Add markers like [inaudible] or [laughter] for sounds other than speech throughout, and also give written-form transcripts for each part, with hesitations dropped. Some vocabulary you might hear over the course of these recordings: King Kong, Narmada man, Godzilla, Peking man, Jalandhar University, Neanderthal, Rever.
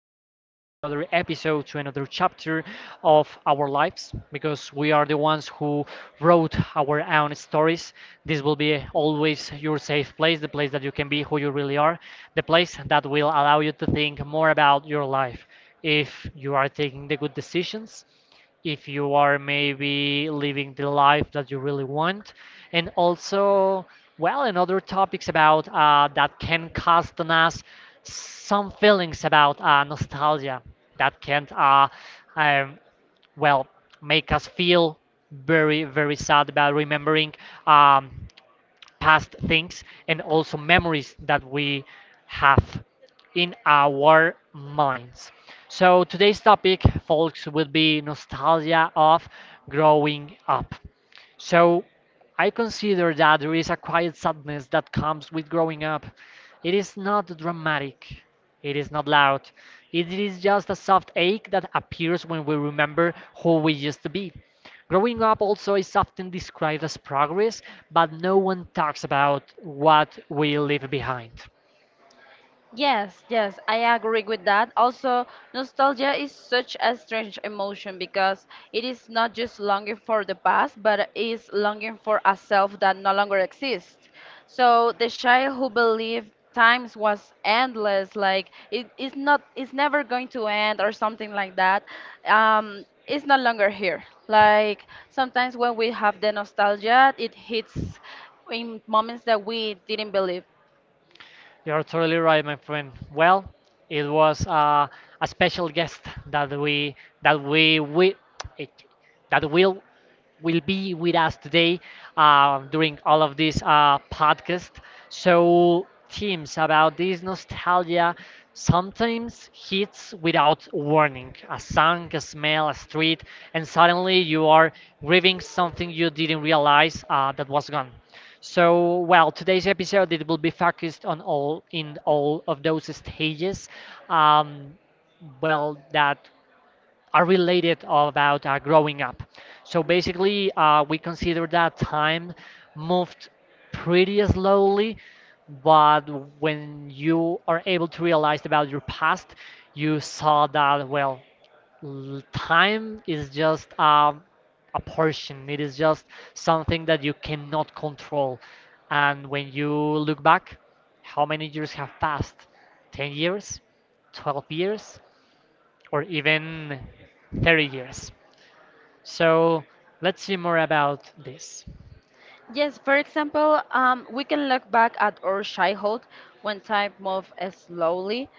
Welcome back to another episode, to another chapter of our lives because we are the ones who wrote our own stories. This will be always your safe place, the place that you can be who you really are, the place that will allow you to think more about your life. If you are taking the good decisions, if you are maybe living the life that you really want, and also, well, and other topics about that can cause on us some feelings about nostalgia that can, um, well, make us feel very, very sad about remembering. Um, Past things and also memories that we have in our minds. So today's topic, folks, will be nostalgia of growing up. So I consider that there is a quiet sadness that comes with growing up. It is not dramatic. It is not loud. It is just a soft ache that appears when we remember who we used to be. Growing up also is often described as progress, but no one talks about what we leave behind. Yes, yes, I agree with that. Also, nostalgia is such a strange emotion because it is not just longing for the past, but is longing for a self that no longer exists. So the child who believed times was endless, like it is not, it's never going to end or something like that, is no longer here. Like sometimes when we have the nostalgia, it hits in moments that we didn't believe. You're totally right, my friend. Well, it was a special guest that we that we it, that will be with us today during all of this podcast. So, themes about this nostalgia sometimes hits without warning a song, a smell, a street, and suddenly you are grieving something you didn't realize that was gone. So, well, today's episode it will be focused on all of those stages. Um, that are related about growing up. So basically, we consider that time moved pretty slowly, but when you are able to realize about your past, you saw that, well, time is just a portion, it is just something that you cannot control. And when you look back, how many years have passed? 10 years? 12 years? Or even 30 years. So let's see more about this. Yes, for example, we can look back at our childhood when time moves slowly.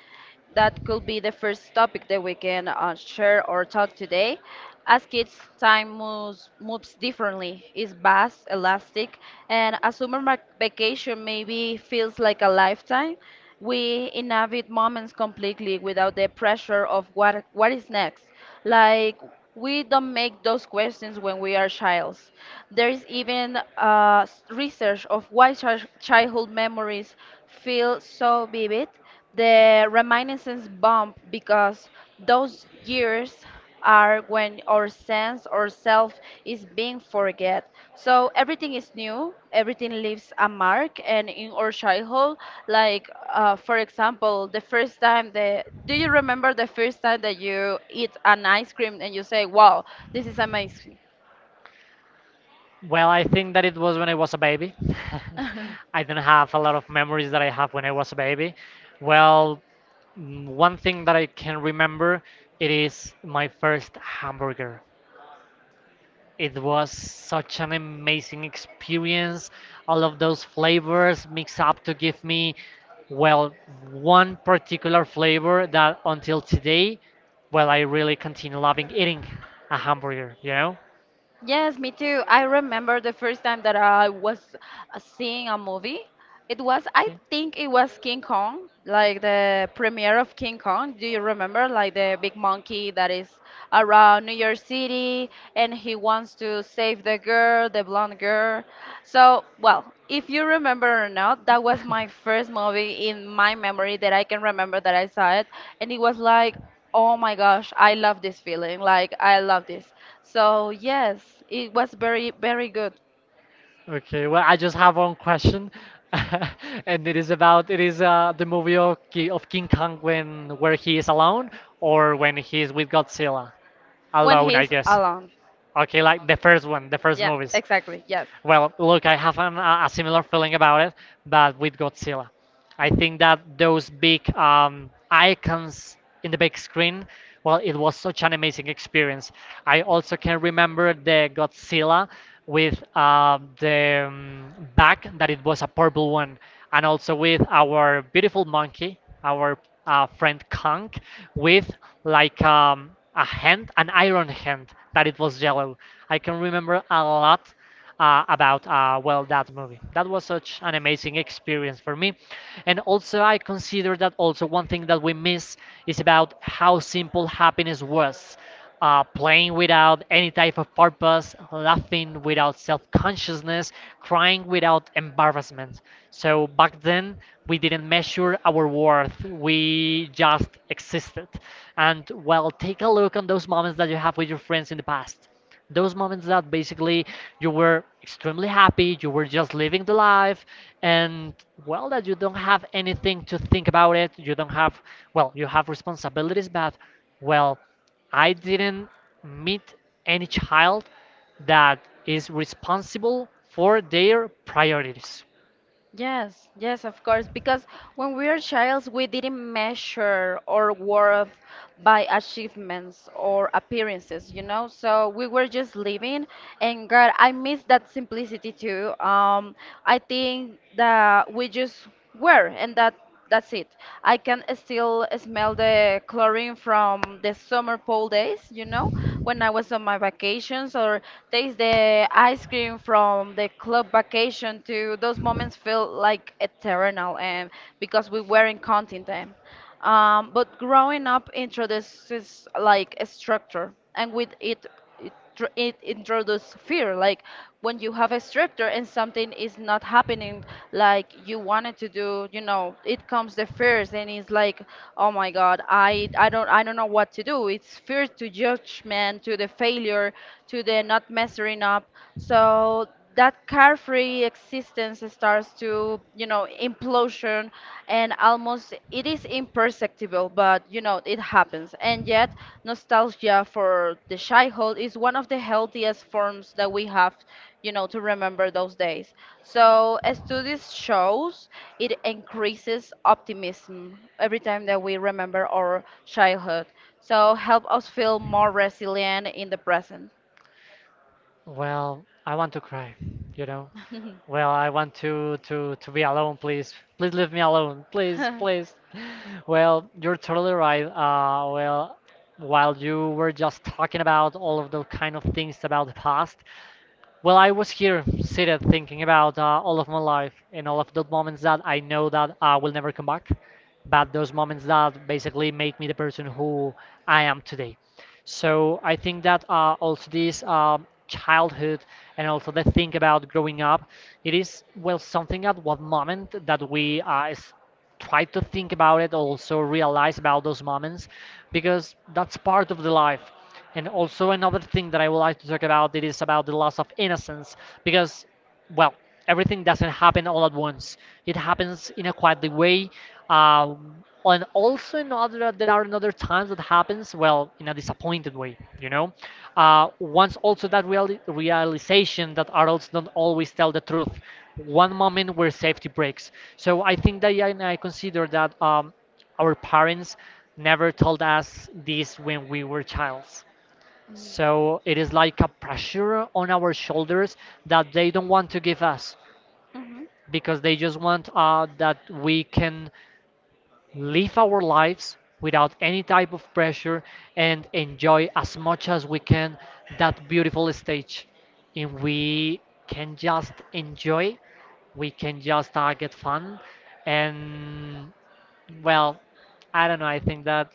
That could be the first topic that we can share or talk today. As kids, time moves differently. It's vast, elastic, and a summer vacation maybe feels like a lifetime. We inhabit moments completely without the pressure of what is next. Like we don't make those questions when we are childs. There is even research of why childhood memories feel so vivid. The reminiscence bump, because those years are when our sense or self is being forget. So everything is new, everything leaves a mark, and in our childhood, like for example, the first time that do you remember the first time that you eat an ice cream and you say, "Wow, this is amazing." Well, I think that it was when I was a baby. [laughs] [laughs] I don't have a lot of memories that I have when I was a baby. Well, mm, one thing that I can remember it is my first hamburger. It was such an amazing experience. All of those flavors mixed up to give me, well, one particular flavor that until today, well, I really continue loving eating a hamburger, you know? Yes, me too. I remember the first time that I was seeing a movie. I think it was King Kong, like the premiere of King Kong. Do you remember? Like the big monkey that is around New York City and he wants to save the girl, the blonde girl. So, well, if you remember or not, that was my first movie in my memory that I can remember that I saw it. And it was like, oh my gosh, I love this feeling. Like I love this. So yes, it was very, very good. [laughs] Okay, well, I just have one question, [laughs] and it is the movie of, King Kong when where he is alone or when he is with Godzilla, When alone, I he's guess. alone. Okay, like the first one, the first Yeah, movies. exactly. Yes. Well, look, I have a similar feeling about it, but with Godzilla. I think that those big icons in the big screen, well, it was such an amazing experience. I also can remember the Godzilla with the back that it was a purple one, and also with our beautiful monkey, our friend Kong, with a hand, an iron hand that it was yellow. I can remember a lot about that movie. That was such an amazing experience for me, and also I consider that also one thing that we miss is about how simple happiness was. Playing without any type of purpose, laughing without self consciousness, crying without embarrassment. So back then, we didn't measure our worth, we just existed. And well, take a look on those moments that you have with your friends in the past, those moments that basically you were extremely happy, you were just living the life, and well, that you don't have anything to think about it. You don't have, well, you have responsibilities, but well, I didn't meet any child that is responsible for their priorities. Yes, yes, of course. Because when we are childs, we didn't measure our worth by achievements or appearances, you know? So we were just living. And God, I miss that simplicity too. I think that we just were, and That's it. I can still smell the chlorine from the summer pool days, when I was on my vacations, or taste the ice cream from the club vacation. To those moments feel like eternal, and because we were in content them. But growing up introduces like a structure, and with it introduces fear, like when you have a stricter and something is not happening like you wanted to do, you know, it comes the fears. And it's like, oh my god, I don't know what to do. It's fear to judgment, to the failure, to the not messing up. So that carefree existence starts to, you know, implosion, and almost it is imperceptible, but you know it happens. And yet, nostalgia for the childhood is one of the healthiest forms that we have, you know, to remember those days. So as studies shows, it increases optimism every time that we remember our childhood, so help us feel more resilient in the present. Well, I want to cry, you know. Well, I want to be alone, [laughs] please. Please leave me alone, please, [laughs] please. [laughs] Well, you're totally right. Well, while you were just talking about all of the kind of things about the past, well, I was here seated thinking about all of my life and all of those moments that I know that I will never come back, but those moments that basically make me the person who I am today. So I think that also this childhood and also the thing about growing up, it is well something at what moment that we try to think about it also realize about those moments because that's part of the life. And also another thing that I would like to talk about it is about the loss of innocence because well everything doesn't happen all at once, it happens in a quietly way. And also in other, there are another times that happens, well, in a disappointed way, you know. Once also that realization that adults don't always tell the truth. One moment where safety breaks. So I think that and I consider that our parents never told us this when we were childs. So it Mm. is like a pressure on our shoulders that they don't want to give us Mhm. because they just want that we can live our lives without any type of pressure and enjoy as much as we can that beautiful stage. And we can just enjoy, we can just get fun. And well, I don't know, I think that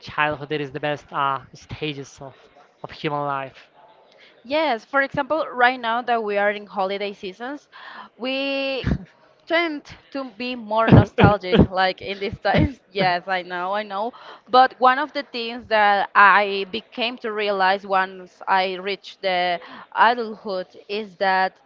childhood is the best stages of human life. Yes, for example, right now that we are in holiday seasons, we tend to be more [laughs] nostalgic, like in these times. [laughs] Yes, I know, I know. But one of the things that I became to realize once I reached the adulthood is that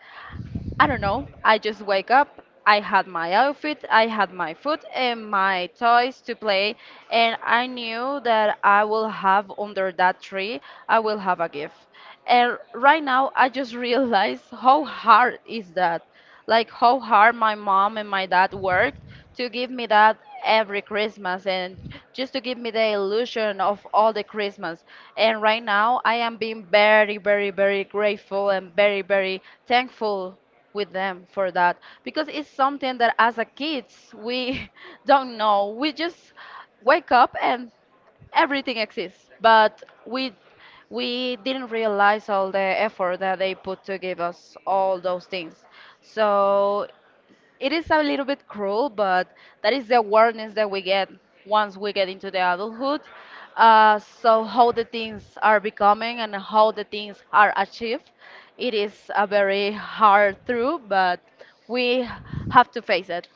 I don't know. I just wake up. I had my outfit, I had my food and my toys to play, and I knew that I will have under that tree, I will have a gift. And right now, I just [laughs] realize how hard is that, like how hard my mom and my dad worked to give me that every Christmas, and just to give me the illusion of all the Christmas. And right now, I am being very, very, very grateful and very, very thankful with them for that, because it's something that as a kids we [laughs] don't know. We just wake up and everything exists, but we didn't realize all the effort that they put to give us all those things. So it is a little bit cruel, but that is the awareness that we get once we get into the adulthood. So how the things are becoming and how the things are achieved, it is a very hard truth, but we have to face it.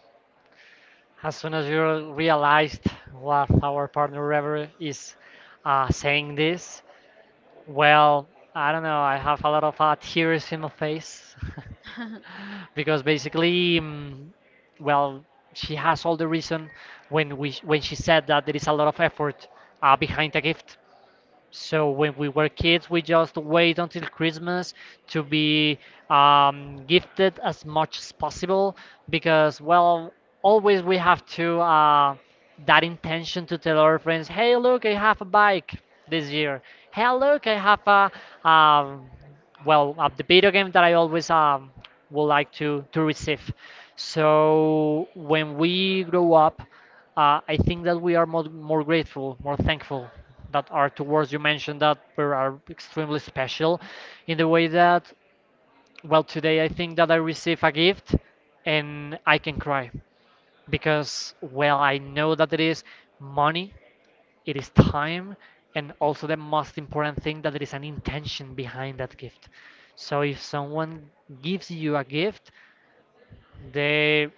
As soon as you realized what our partner Rever is saying this, well, I don't know, I have a lot of tears in my face [laughs] because basically, mm, well, she has all the reason when she said that there is a lot of effort behind a gift. So when we were kids, we just wait until Christmas to be gifted as much as possible because, well, always we have to that intention to tell our friends, "Hey, look, I have a bike this year. Hey, look, I have a um, the video game that I always would like to receive." So when we grow up, I think that we are more, more grateful, more thankful that our two words you mentioned that were are extremely special in the way that well today I think that I receive a gift and I can cry because well I know that it is money, it is time, and also the most important thing that there is an intention behind that gift. So if someone gives you a gift, the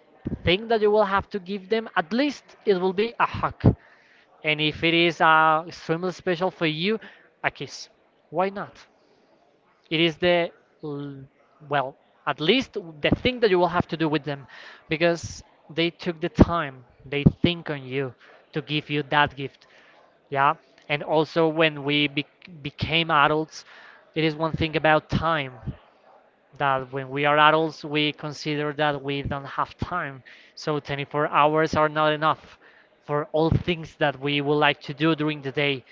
thing that you will have to give them at least it will be a hug, and if it is extremely special for you, a kiss, why not. It is the l- well at least the thing that you will have to do with them, because they took the time, they think on you to give you that gift, yeah. And also when we became adults, it is one thing about time, that when we are adults, we consider that we don't have time. So 24 hours are not enough for all things that we would like to do during the day.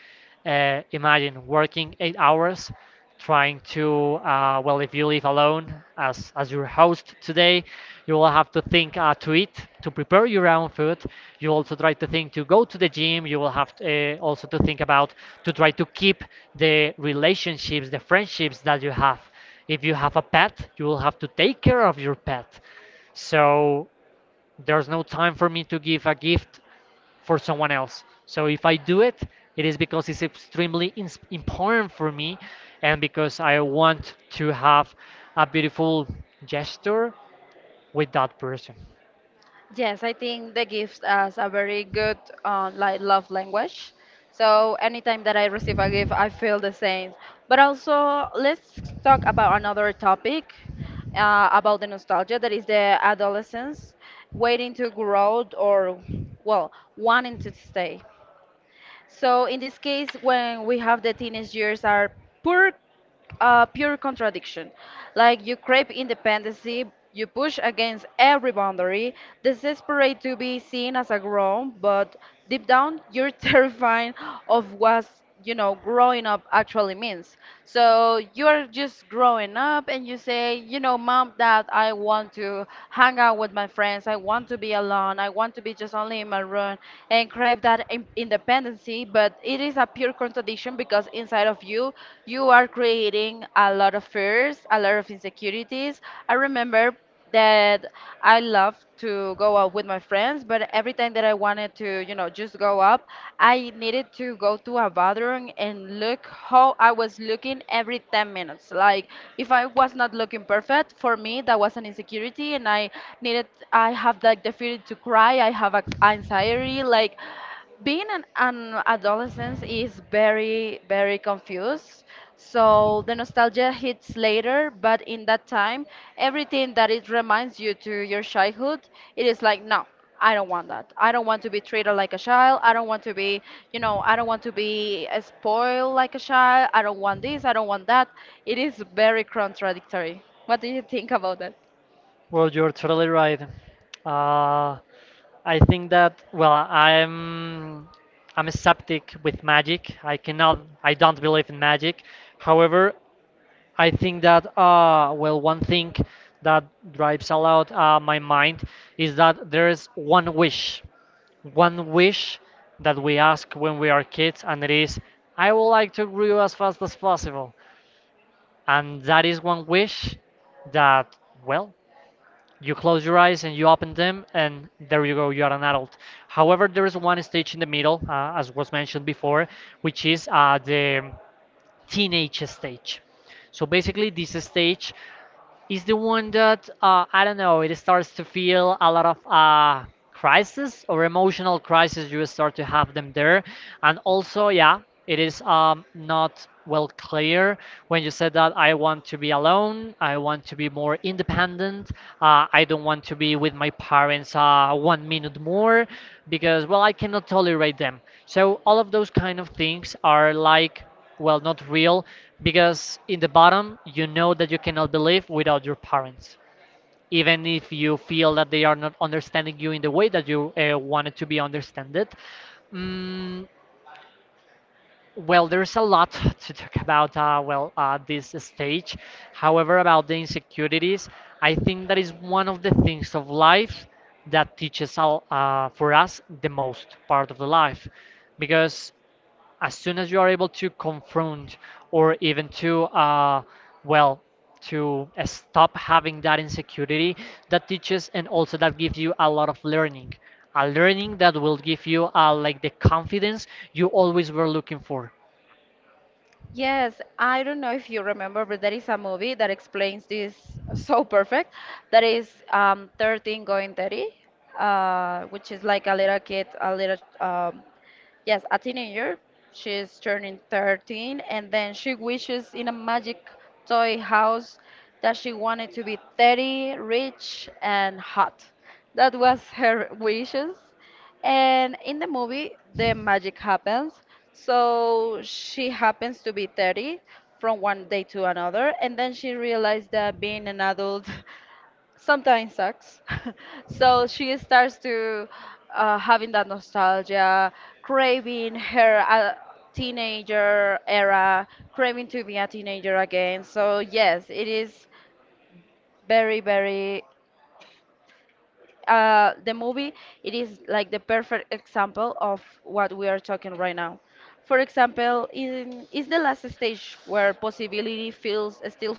Imagine working 8 hours, trying to, well, if you live alone as your host today, you will have to think to eat, to prepare your own food. You also try to think to go to the gym. You will have to, also to think about to try to keep the relationships, the friendships that you have. If you have a pet, you will have to take care of your pet. So there's no time for me to give a gift for someone else. So if I do it, it is because it's extremely important for me and because I want to have a beautiful gesture with that person. Yes, I think that gives us a very good like love language. So anytime that I receive a gift, I feel the same. But also, let's talk about another topic about the nostalgia that is the adolescence, waiting to grow or well, wanting to stay. So in this case, when we have the teenage years, are pure, pure contradiction. Like you crave independency, you push against every boundary, desperate to be seen as a grown, but deep down you're [laughs] terrified of what's growing up actually means. So you're just growing up and you say, you know, mom, dad, I want to hang out with my friends, I want to be alone, I want to be just only in my room, and crave that independency. But it is a pure contradiction, because inside of you are creating a lot of fears, a lot of insecurities. I remember that I love to go out with my friends, but every time that I wanted to, just go up, I needed to go to a bathroom and look how I was looking every 10 minutes. Like if I was not looking perfect, for me that was an insecurity, and needed I have like the feeling to cry, I have anxiety, like being an adolescent is very, very confused. So the nostalgia hits later, but in that time, everything that it reminds you to your childhood, it is like, no, I don't want that. I don't want to be treated like a child. I don't want to be, you know, I don't want to be spoiled like a child. I don't want this. I don't want that. It is very contradictory. What do you think about that? Well, you're totally right. Uh, I think that well, I'm a skeptic with magic. I don't believe in magic. However, I think that well, one thing that drives a lot my mind is that there is one wish that we ask when we are kids, and it is, I would like to grow as fast as possible. And that is one wish that, well, you close your eyes and you open them, and there you go, you are an adult. However, there is one stage in the middle, as was mentioned before, which is the teenage stage. So basically, this stage is the one that I don't know. It starts to feel a lot of crisis or emotional crisis. You start to have them there, and also, yeah, it is not well clear when you said that I want to be alone. I want to be more independent. I don't want to be with my parents 1 minute more because, well, I cannot tolerate them. So all of those kind of things are like, well, not real, because in the bottom, you know that you cannot believe without your parents, even if you feel that they are not understanding you in the way that you wanted to be understood. Mm, well, there's a lot [laughs] to talk about, this stage. However, about the insecurities, I think that is one of the things of life that teaches all, for us the most part of the life, because as soon as you are able to confront or even to well stop having that insecurity that teaches and also that gives you a lot of learning, a learning that will give you like the confidence you always were looking for. Yes, I don't know if you remember, but there is a movie that explains this so perfect. That is 13 going 30, which is like a little kid, a little, yes, a teenager. She's turning 13, and then she wishes in a magic toy house that she wanted to be 30, rich, and hot. That was her wishes. And in the movie, the magic happens. So she happens to be 30 from one day to another, and then she realized that being an adult [laughs] sometimes sucks. [laughs] So she starts to having that nostalgia, craving her teenager era, craving to be a teenager again. So yes, it is very, very the movie, it is like the perfect example of what we are talking right now. For example, in is the last stage where possibility feels still.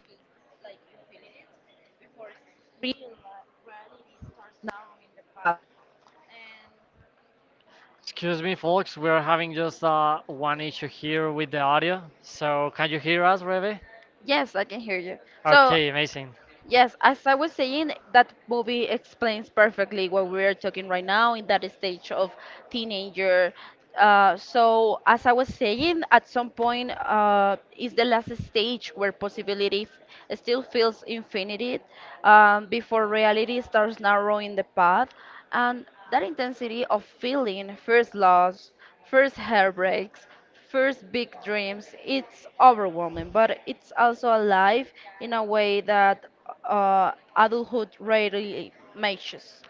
Excuse me folks, we're having just one issue here with the audio, so can you hear us, Rebe? Yes, I can hear you. So. Okay, amazing. Yes, as I was saying, that movie explains perfectly what we are talking right now in that stage of teenager. So, as I was saying, at some point is the last stage where possibility still feels infinite, before reality starts narrowing the path. And that intensity of feeling, first loss, first heartbreaks, first big dreams, it's overwhelming, but it's also alive in a way that adulthood rarely matches.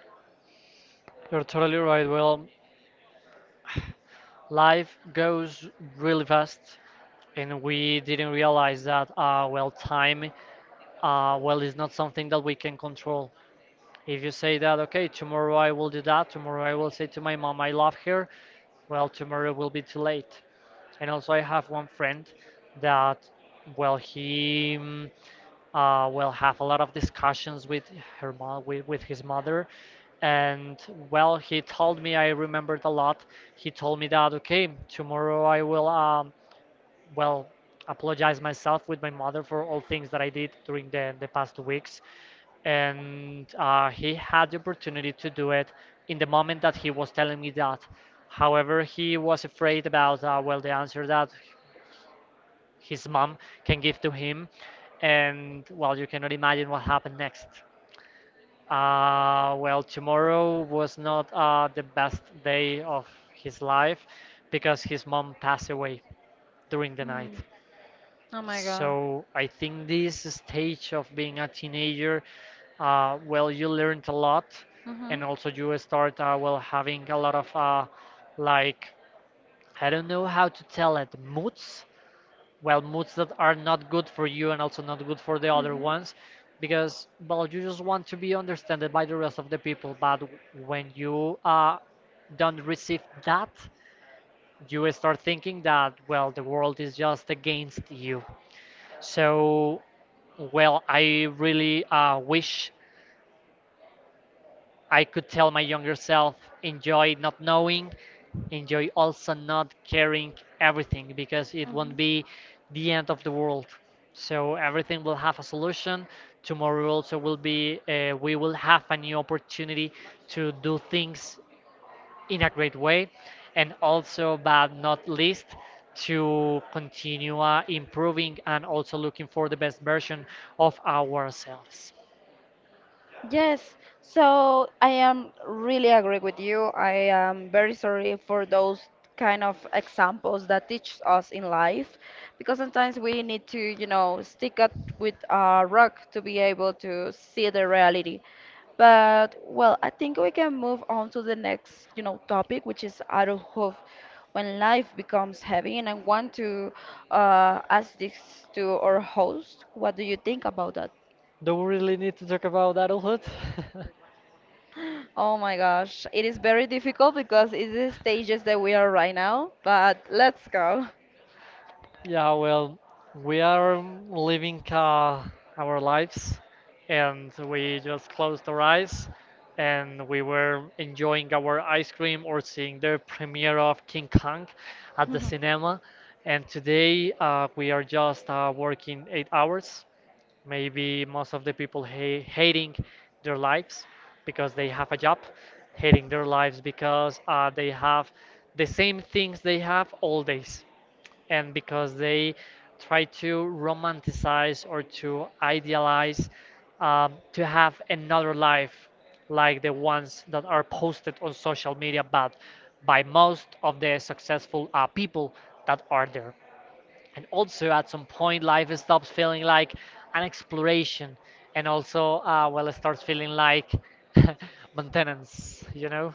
You're totally right. Well, life goes really fast, and we didn't realize that well, time well, is not something that we can control. If you say that, okay, tomorrow I will do that, tomorrow I will say to my mom I love her, well, tomorrow will be too late. And also, I have one friend that, well, he will have a lot of discussions with her mom, with his mother. And, well, he told me, I remembered a lot, he told me that, okay, tomorrow I will well apologize myself with my mother for all things that I did during the past 2 weeks. And he had the opportunity to do it in the moment that he was telling me that. However, he was afraid about, the answer that his mom can give to him. And, well, you cannot imagine what happened next. Tomorrow was not the best day of his life, because his mom passed away during the night. Mm. Oh my god. So I think this stage of being a teenager, you learned a lot, Hmm. and also you start having a lot of like, I don't know how to tell it, moods. Well, moods that are not good for you and also not good for the other ones, because, well, you just want to be understood by the rest of the people. But when you don't receive that, you start thinking that, well, the world is just against you. So, well, I really wish I could tell my younger self, enjoy not knowing, enjoy also not caring everything, because it won't be the end of the world. So everything will have a solution. Tomorrow also will be we will have a new opportunity to do things in a great way. And also, but not least, to continue improving and also looking for the best version of ourselves. Yes, so I am really agree with you. I am very sorry for those kind of examples that teach us in life, because sometimes we need to, stick up with a rock to be able to see the reality. But well, I think we can move on to the next, topic, which is adulthood. When life becomes heavy, and I want to ask this to our host, what do you think about that? Do we really need to talk about adulthood? [laughs] Oh my gosh, it is very difficult because it's the stages that we are right now, but let's go. Yeah, well, we are living our lives, and we just closed our eyes and we were enjoying our ice cream or seeing the premiere of King Kong at the cinema. And today we are just working 8 hours. Maybe most of the people hating their [laughs] lives because they have a job, hating their lives because they have the same things they have all days, and because they try to romanticize or to idealize to have another life like the ones that are posted on social media, but by most of the successful people that are there. And also, at some point life stops feeling like an exploration, and also well, it starts feeling like [laughs] maintenance, you know?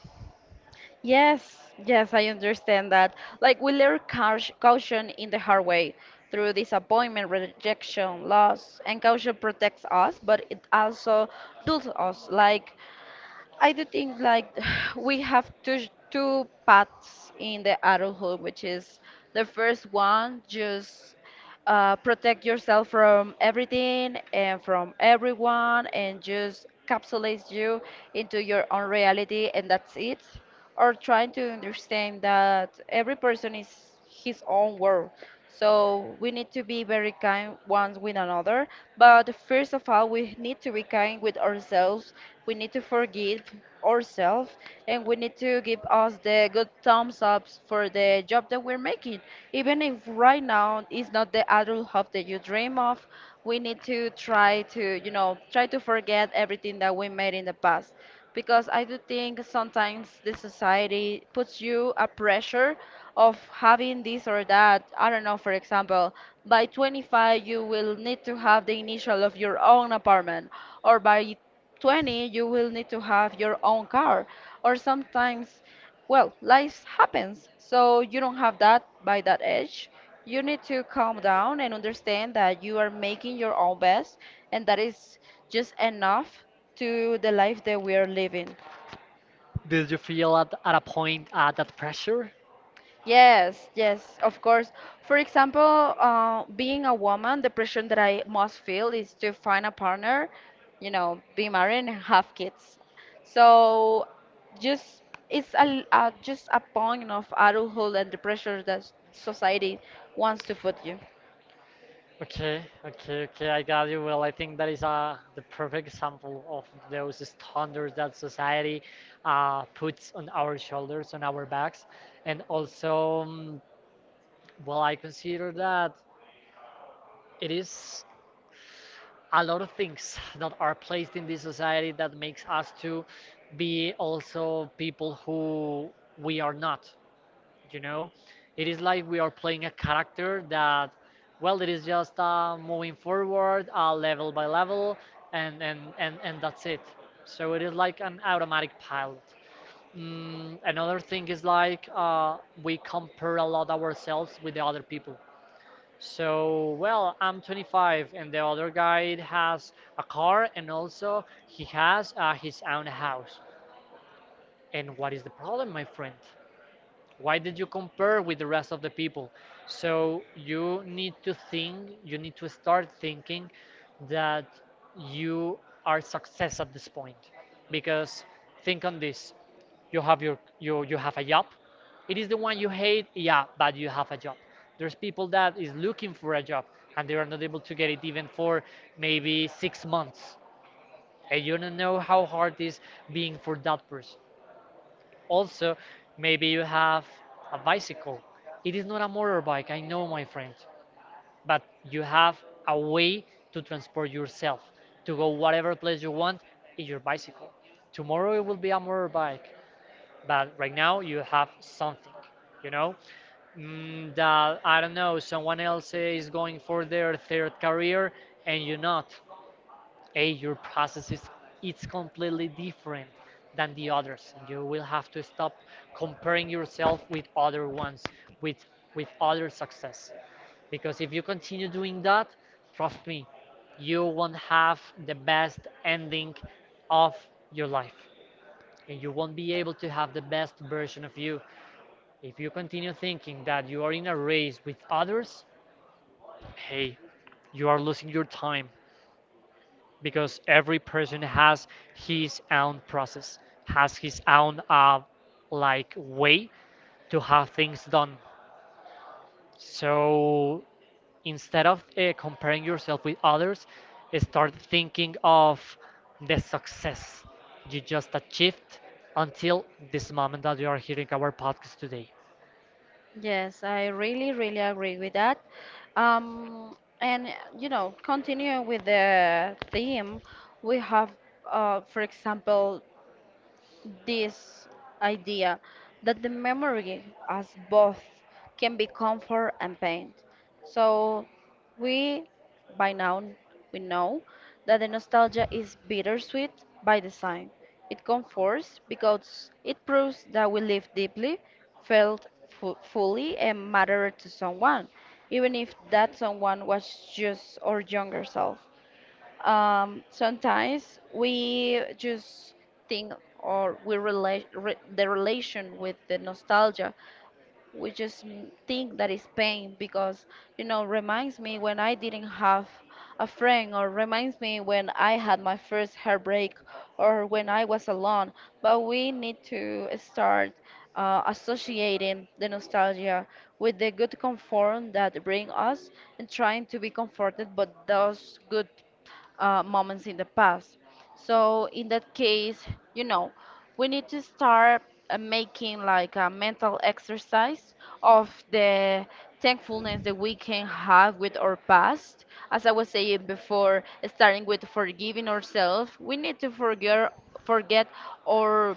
Yes, yes, I understand that. Like we learn caution in the hard way, through disappointment, rejection, loss, and caution protects us, but it also dulls us. Like I do think like [sighs] we have two paths in the adulthood, which is the first one, just protect yourself from everything and from everyone, and just capsulates you into your own reality, and that's it. Or trying to understand that every person is his own world. So we need to be very kind one with another. But first of all, we need to be kind with ourselves. We need to forgive ourselves, and we need to give us the good thumbs ups for the job that we're making. Even if right now it's not the adult hope that you dream of, we need to try to, try to forget everything that we made in the past, because I do think sometimes the society puts you a pressure of having this or that. I don't know, for example, by 25 you will need to have the initial of your own apartment, or by 20 you will need to have your own car, or sometimes, well, life happens, so you don't have that by that edge. You need to calm down and understand that you are making your own best, and that is just enough to the life that we are living. Did you feel at a point that pressure? Yes, yes, of course. For example, being a woman, the pressure that I must feel is to find a partner, you know, be married and have kids. So just it's a just a point of adulthood and the pressure that society wants to put you. Okay, okay, okay, I got you. Well, I think that is the perfect example of those standards that society puts on our shoulders, on our backs. And also, well, I consider that it is a lot of things that are placed in this society that makes us to be also people who we are not. You know, it is like we are playing a character that, well, it is just moving forward level by level, and that's it. So it is like an automatic pilot. Another thing is like we compare a lot ourselves with the other people. So, well, I'm 25, and the other guy has a car, and also he has his own house. And what is the problem, my friend? Why did you compare with the rest of the people? So you need to think, you need to start thinking that you are success at this point, because think on this, you have your you have a job. It is the one you hate, yeah, but you have a job. There's people that is looking for a job and they are not able to get it even for maybe 6 months, and you don't know how hard it is being for that person. Also, maybe you have a bicycle. It is not a motorbike, I know, my friend, but you have a way to transport yourself, to go whatever place you want in your bicycle. Tomorrow it will be a motorbike, but right now you have something, you know? Mm, that, I don't know, someone else is going for their third career and you not. A, your process is, it's completely different than the others. You will have to stop comparing yourself with other ones, with other success, because if you continue doing that, trust me, you won't have the best ending of your life, and you won't be able to have the best version of you if you continue thinking that you are in a race with others. Hey, you are losing your time, because every person has his own process, has his own like way to have things done. So instead of comparing yourself with others, start thinking of the success you just achieved until this moment that you are hearing our podcast today. Yes, I really, really agree with that. And You know, continuing with the theme, we have, for example, this idea that the memory as both can be comfort and pain. So we, by now, we know that the nostalgia is bittersweet by design. It comforts because it proves that we lived deeply, felt fully and mattered to someone, even if that someone was just our younger self. Sometimes we just think or we relate re the relation with the nostalgia. We just think that it's pain because, you know, reminds me when I didn't have a friend, or reminds me when I had my first heartbreak, or when I was alone. But we need to start associating the nostalgia with the good comfort that bring us, and trying to be comforted by those good moments in the past. So in that case, you know, we need to start making like a mental exercise of the thankfulness that we can have with our past. As I was saying before, starting with forgiving ourselves, we need to forget our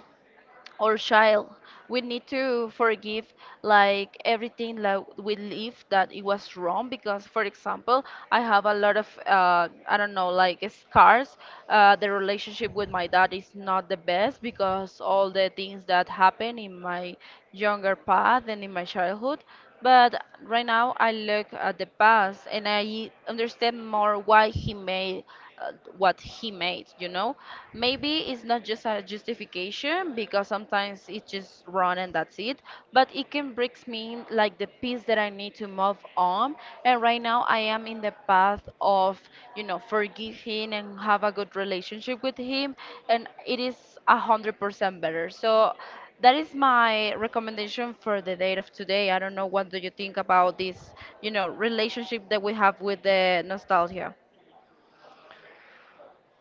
or child. We need to forgive like everything like we live that it was wrong, because for example I have a lot of, I don't know, like scars. Uh, the relationship with my dad is not the best because all the things that happened in my younger path and in my childhood. But right now I look at the past and I understand more why he made, uh, what he made, you know. Maybe it's not just a justification because sometimes it's just run and that's it, but it can brings me like the piece that I need to move on. And right now I am in the path of, you know, forgiving and have a good relationship with him, and it is 100% better. So that is my recommendation for the date of today. I don't know, what do you think about this, you know, relationship that we have with the nostalgia?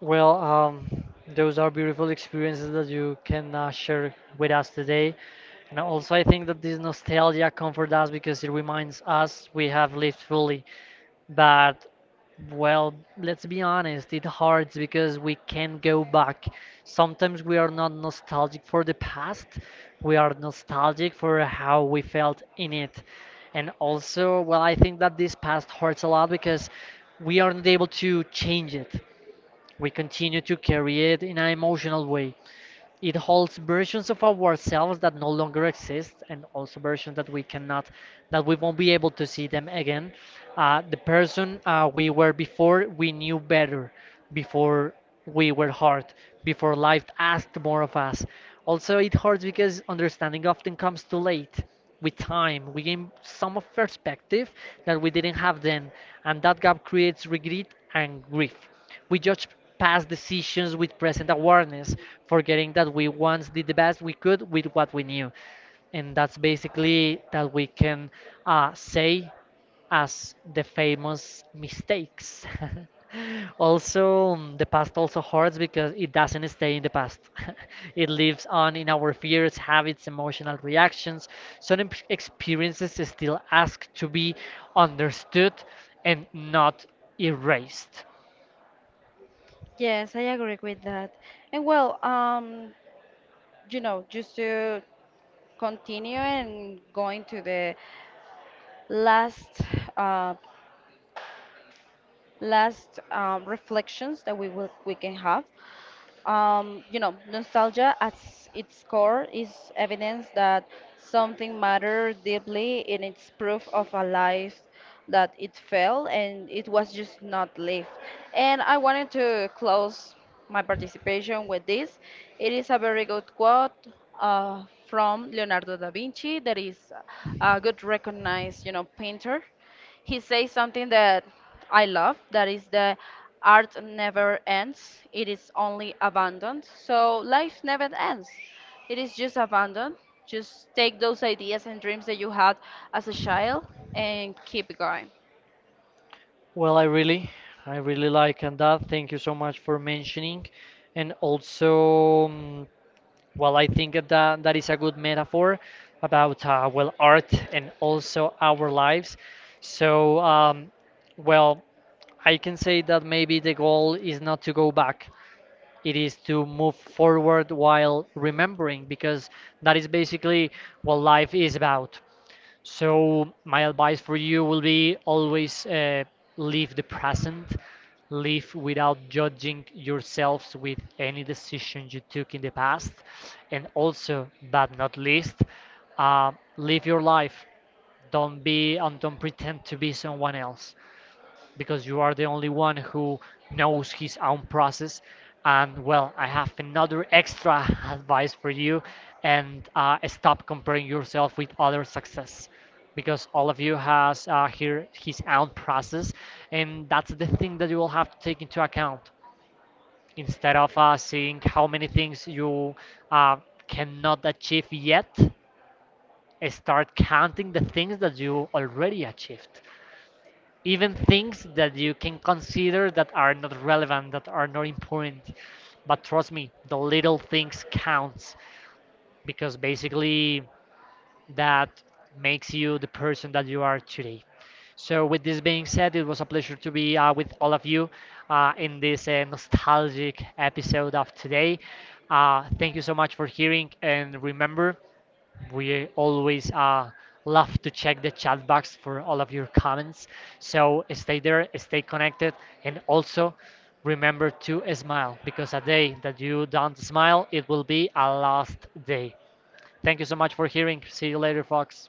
Well, those are beautiful experiences that you can share with us today. And also, I think that this nostalgia comforts us because it reminds us we have lived fully. But, well, let's be honest, it hurts because we can't go back. Sometimes we are not nostalgic for the past, we are nostalgic for how we felt in it. And also, well, I think that this past hurts a lot because we aren't able to change it. We continue to carry it in an emotional way. It holds versions of ourselves that no longer exist, and also versions that we cannot, that we won't be able to see them again. The person we were before, we knew better, before we were hard, before life asked more of us. Also, it hurts because understanding often comes too late. With time, we gain some of perspective that we didn't have then, and that gap creates regret and grief. We judge past decisions with present awareness, forgetting that we once did the best we could with what we knew. And that's basically that we can say as the famous mistakes. [laughs] Also, mm, the past also hurts because it doesn't stay in the past. [laughs] It lives on in our fears, habits, emotional reactions. Some experiences still ask to be understood and not erased. Yes, I agree with that. And well, um, you know, just to continue and going to the last, uh, reflections that we we can have. You know, nostalgia at its core is evidence that something mattered deeply in its proof of a life that it fell and it was just not lived. And I wanted to close my participation with this. It is a very good quote from Leonardo da Vinci, that is a good recognized, you know, painter. He says something that I love, that is: the art never ends, it is only abandoned. So life never ends, it is just abandoned. Just take those ideas and dreams that you had as a child and keep going. Well, I really like and that. Thank you so much for mentioning. And also, mm, well, I think that that is a good metaphor about well, art and also our lives. So, well, I can say that maybe the goal is not to go back. It is to move forward while remembering, because that is basically what life is about. So my advice for you will be always, live the present, live without judging yourselves with any decision you took in the past, and also, but not least, uh, live your life. Don't be and don't pretend to be someone else because you are the only one who knows his own process. And well, I have another extra [laughs] advice for you, and stop comparing yourself with other success, because all of you has here his own process, and that's the thing that you will have to take into account, instead of seeing how many things you uh, cannot achieve yet, start counting the things that you already achieved, even things that you can consider that are not relevant, that are not important. But trust me, the little things counts, because basically that makes you the person that you are today. So, with this being said, it was a pleasure to be with all of you in this nostalgic episode of today. Thank you so much for hearing, and remember, we always love to check the chat box for all of your comments. So stay there, stay connected, and also remember to smile, because a day that you don't smile, it will be a lost day. Thank you so much for hearing. See you later, folks.